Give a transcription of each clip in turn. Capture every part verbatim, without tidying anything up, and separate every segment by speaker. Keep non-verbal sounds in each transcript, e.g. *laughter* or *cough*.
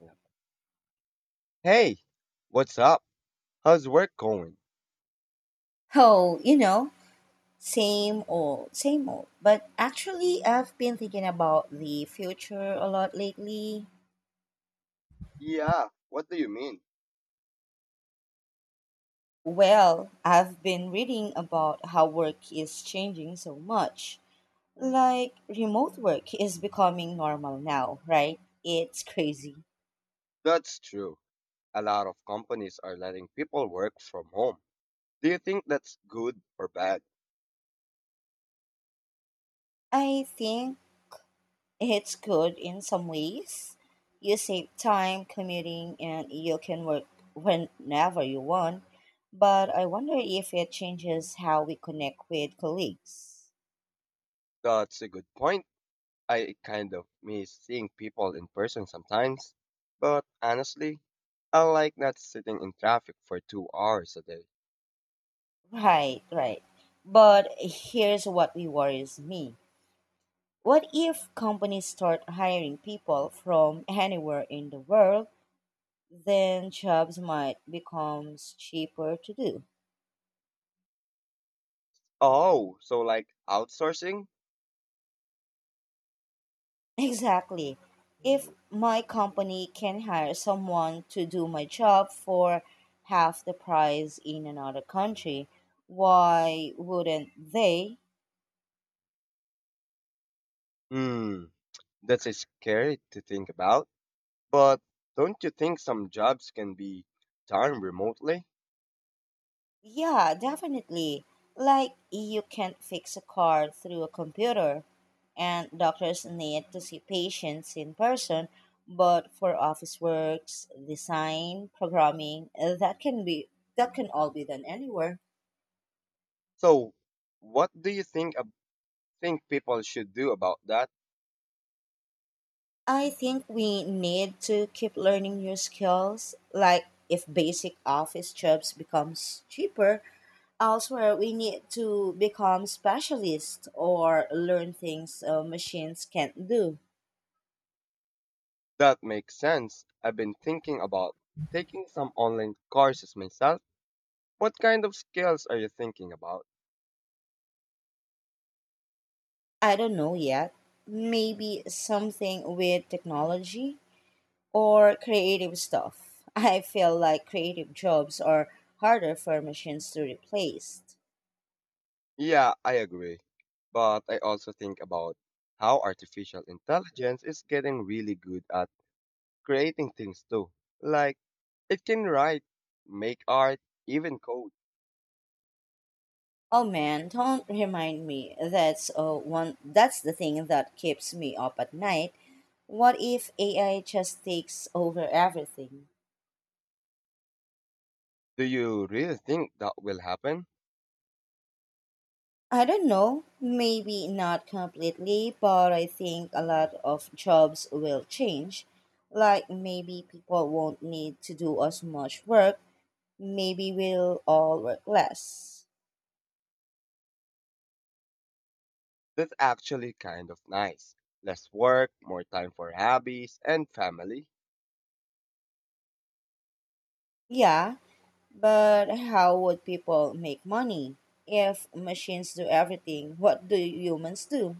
Speaker 1: Yeah. Hey, what's up? How's work going?
Speaker 2: Oh, you know, same old, same old. But actually, I've been thinking about the future a lot lately.
Speaker 1: Yeah, what do you mean?
Speaker 2: Well, I've been reading about how work is changing so much. Like, remote work is becoming normal now, right? It's crazy.
Speaker 1: That's true. A lot of companies are letting people work from home. Do you think that's good or bad?
Speaker 2: I think it's good in some ways. You save time commuting and you can work whenever you want. But I wonder if it changes how we connect with colleagues.
Speaker 1: That's a good point. I kind of miss seeing people in person sometimes. But honestly, I like not sitting in traffic for two hours a day.
Speaker 2: Right, right. But here's what worries me. What if companies start hiring people from anywhere in the world? Then jobs might become cheaper to do.
Speaker 1: Oh, so like outsourcing?
Speaker 2: Exactly. If my company can hire someone to do my job for half the price in another country, why wouldn't they?
Speaker 1: Hmm, that's a scary to think about. But don't you think some jobs can be done remotely?
Speaker 2: Yeah, definitely. Like, you can't fix a car through a computer, and doctors need to see patients in person, but for office works, design, programming, that can be that can all be done anywhere.
Speaker 1: So, what do you think ab- think people should do about that?
Speaker 2: I think we need to keep learning new skills. Like if basic office jobs becomes cheaper elsewhere, we need to become specialists or learn things uh, machines can't do.
Speaker 1: That makes sense. I've been thinking about taking some online courses myself. What kind of skills are you thinking about?
Speaker 2: I don't know yet. Maybe something with technology or creative stuff. *laughs* I feel like creative jobs are harder for machines to replace.
Speaker 1: Yeah, I agree. But I also think about how artificial intelligence is getting really good at creating things too. Like it can write, make art, even code.
Speaker 2: Oh man, don't remind me. That's uh, one. That's the thing that keeps me up at night. What if A I just takes over everything?
Speaker 1: Do you really think that will happen?
Speaker 2: I don't know. Maybe not completely, but I think a lot of jobs will change. Like maybe people won't need to do as much work. Maybe we'll all work less.
Speaker 1: That's actually kind of nice. Less work, more time for hobbies and family.
Speaker 2: Yeah, but how would people make money? If machines do everything, what do humans do?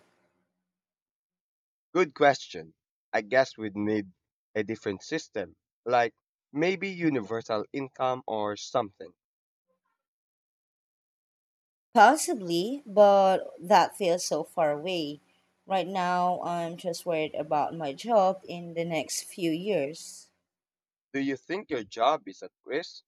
Speaker 1: Good question. I guess we'd need a different system, like maybe universal income or something.
Speaker 2: Possibly, but that feels so far away. Right now, I'm just worried about my job in the next few years.
Speaker 1: Do you think your job is at risk?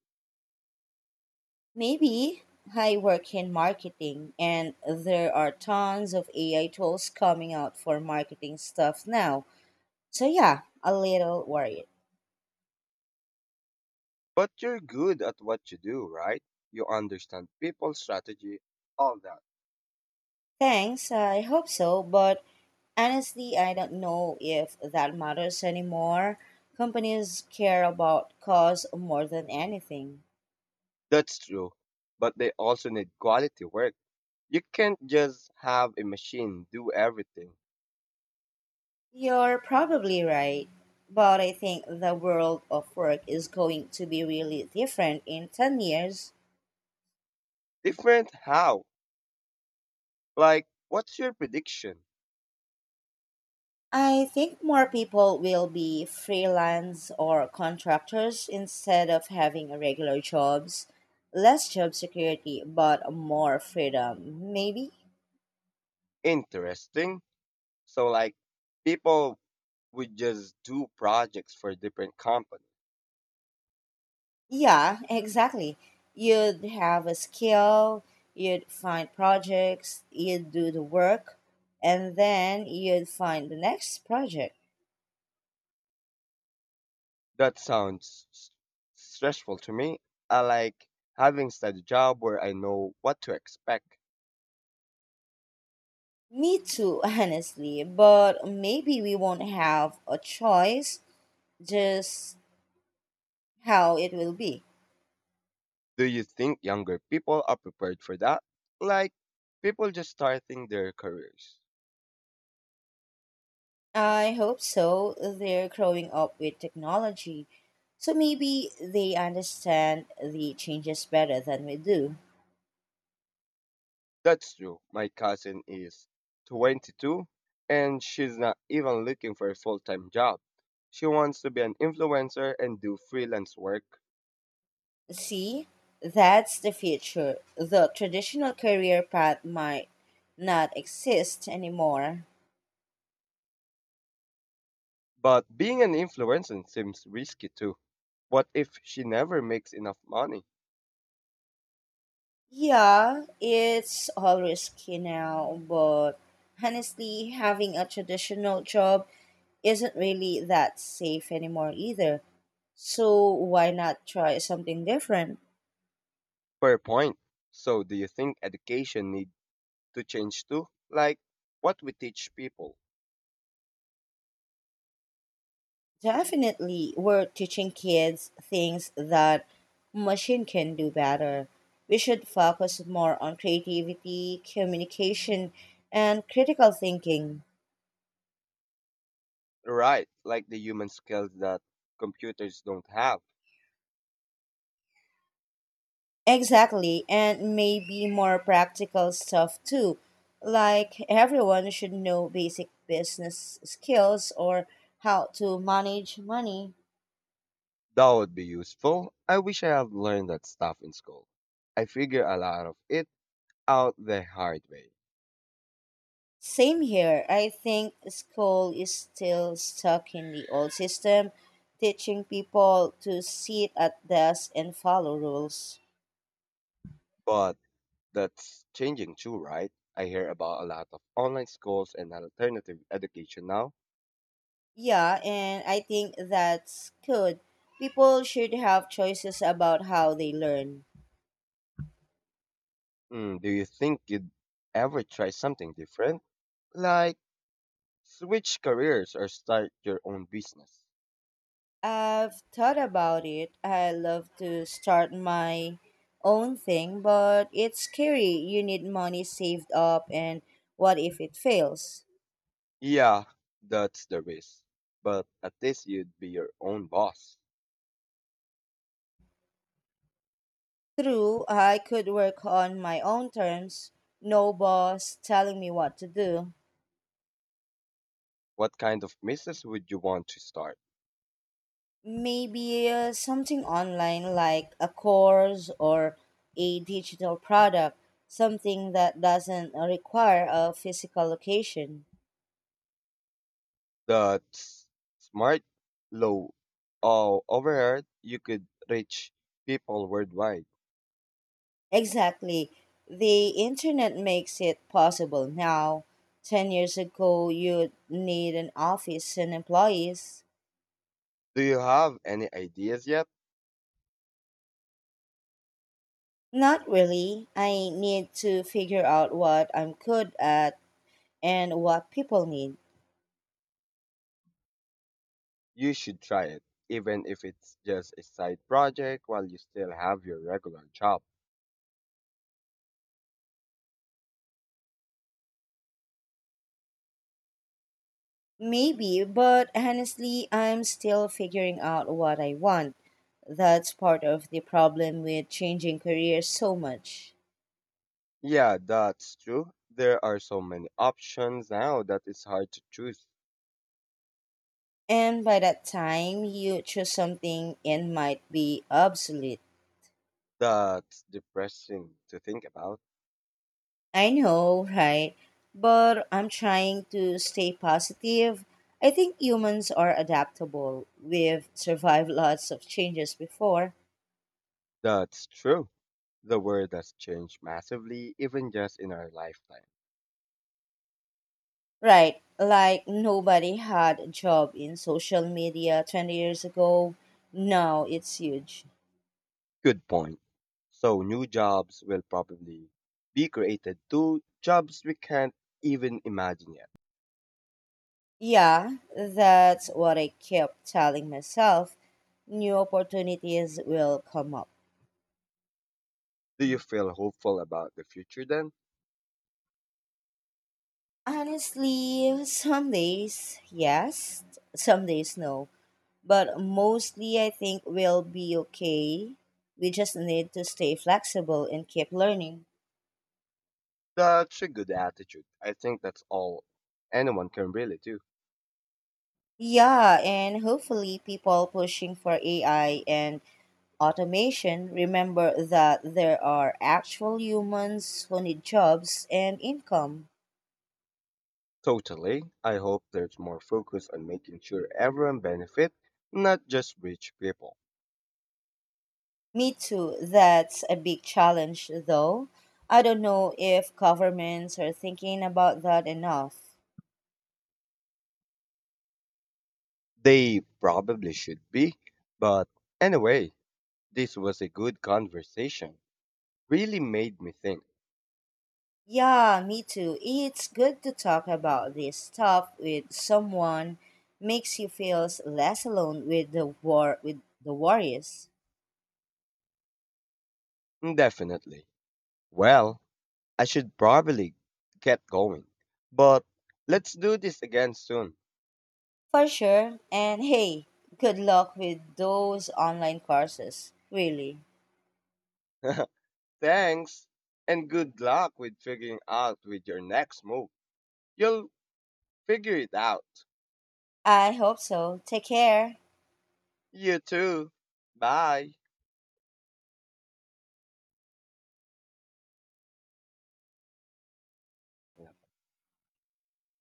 Speaker 2: Maybe I work in marketing, and there are tons of A I tools coming out for marketing stuff now. So, yeah, a little worried.
Speaker 1: But you're good at what you do, right? You understand people's strategy, all that.
Speaker 2: Thanks, I hope so, but honestly, I don't know if that matters anymore. Companies care about cause more than anything.
Speaker 1: That's true. But they also need quality work. You can't just have a machine do everything.
Speaker 2: You're probably right, but I think the world of work is going to be really different in ten years.
Speaker 1: Different how? Like, what's your prediction?
Speaker 2: I think more people will be freelance or contractors instead of having regular jobs. Less job security, but more freedom, maybe?
Speaker 1: Interesting. So, like, people would just do projects for different companies.
Speaker 2: Yeah, exactly. You'd have a skill, you'd find projects, you'd do the work, and then you'd find the next project.
Speaker 1: That sounds s- stressful to me. I like having steady job where I know what to expect.
Speaker 2: Me too, *laughs* honestly, but maybe we won't have a choice, just how it will be.
Speaker 1: Do you think younger people are prepared for that? Like, people just starting their careers.
Speaker 2: I hope so. They're growing up with technology, so maybe they understand the changes better than we do.
Speaker 1: That's true. My cousin is twenty-two and she's not even looking for a full time job. She wants to be an influencer and do freelance work.
Speaker 2: See, that's the future. The traditional career path might not exist anymore.
Speaker 1: But being an influencer seems risky too. What if she never makes enough money?
Speaker 2: Yeah, it's all risky now, but honestly, having a traditional job isn't really that safe anymore either. So why not try something different?
Speaker 1: Fair point. So, do you think education need to change too? Like what we teach people?
Speaker 2: Definitely, we're teaching kids things that machine can do better. We should focus more on creativity, communication, and critical thinking.
Speaker 1: Right, like the human skills that computers don't have.
Speaker 2: Exactly, and maybe more practical stuff too. Like everyone should know basic business skills or how to manage money.
Speaker 1: That would be useful. I wish I had learned that stuff in school. I figure a lot of it out the hard way.
Speaker 2: Same here. I think school is still stuck in the old system, teaching people to sit at desks and follow rules.
Speaker 1: But that's changing too, right? I hear about a lot of online schools and alternative education now.
Speaker 2: Yeah, and I think that's good. People should have choices about how they learn.
Speaker 1: Mm, do you think you'd ever try something different? Like switch careers or start your own business?
Speaker 2: I've thought about it. I love to start my own thing, but it's scary. You need money saved up, and what if it fails?
Speaker 1: Yeah, that's the risk. But at least you'd be your own boss.
Speaker 2: True, I could work on my own terms, no boss telling me what to do.
Speaker 1: What kind of business would you want to start?
Speaker 2: Maybe uh, something online like a course or a digital product, something that doesn't require a physical location.
Speaker 1: The s- Smart, low, all overhead, you could reach people worldwide.
Speaker 2: Exactly. The internet makes it possible now. ten years ago, you'd need an office and employees.
Speaker 1: Do you have any ideas yet?
Speaker 2: Not really. I need to figure out what I'm good at and what people need.
Speaker 1: You should try it, even if it's just a side project while you still have your regular job.
Speaker 2: Maybe, but honestly, I'm still figuring out what I want. That's part of the problem with changing careers so much.
Speaker 1: Yeah, that's true. There are so many options now that it's hard to choose.
Speaker 2: And by that time, you choose something and might be obsolete.
Speaker 1: That's depressing to think about.
Speaker 2: I know, right? But I'm trying to stay positive. I think humans are adaptable. We've survived lots of changes before.
Speaker 1: That's true. The world has changed massively, even just in our lifetime.
Speaker 2: Right, like nobody had a job in social media twenty years ago. Now it's huge.
Speaker 1: Good point. So new jobs will probably be created too, jobs we can't even imagine yet.
Speaker 2: Yeah, that's what I kept telling myself. New opportunities will come up.
Speaker 1: Do you feel hopeful about the future then?
Speaker 2: Honestly, some days yes, some days no. But mostly I think we'll be okay. We just need to stay flexible and keep learning.
Speaker 1: That's a good attitude. I think that's all anyone can really do.
Speaker 2: Yeah, and hopefully people pushing for A I and automation remember that there are actual humans who need jobs and income.
Speaker 1: Totally. I hope there's more focus on making sure everyone benefit, not just rich people.
Speaker 2: Me too, that's a big challenge though. I don't know if governments are thinking about that enough.
Speaker 1: They probably should be, but anyway, this was a good conversation. Really made me think.
Speaker 2: Yeah, me too. It's good to talk about this stuff with someone. Makes you feel less alone with the war with the worries.
Speaker 1: Definitely. Well, I should probably get going. But let's do this again soon.
Speaker 2: For sure. And hey, good luck with those online courses. Really.
Speaker 1: *laughs* Thanks, and good luck with figuring out with your next move. You'll figure it out.
Speaker 2: I hope so. Take care.
Speaker 1: You too. Bye.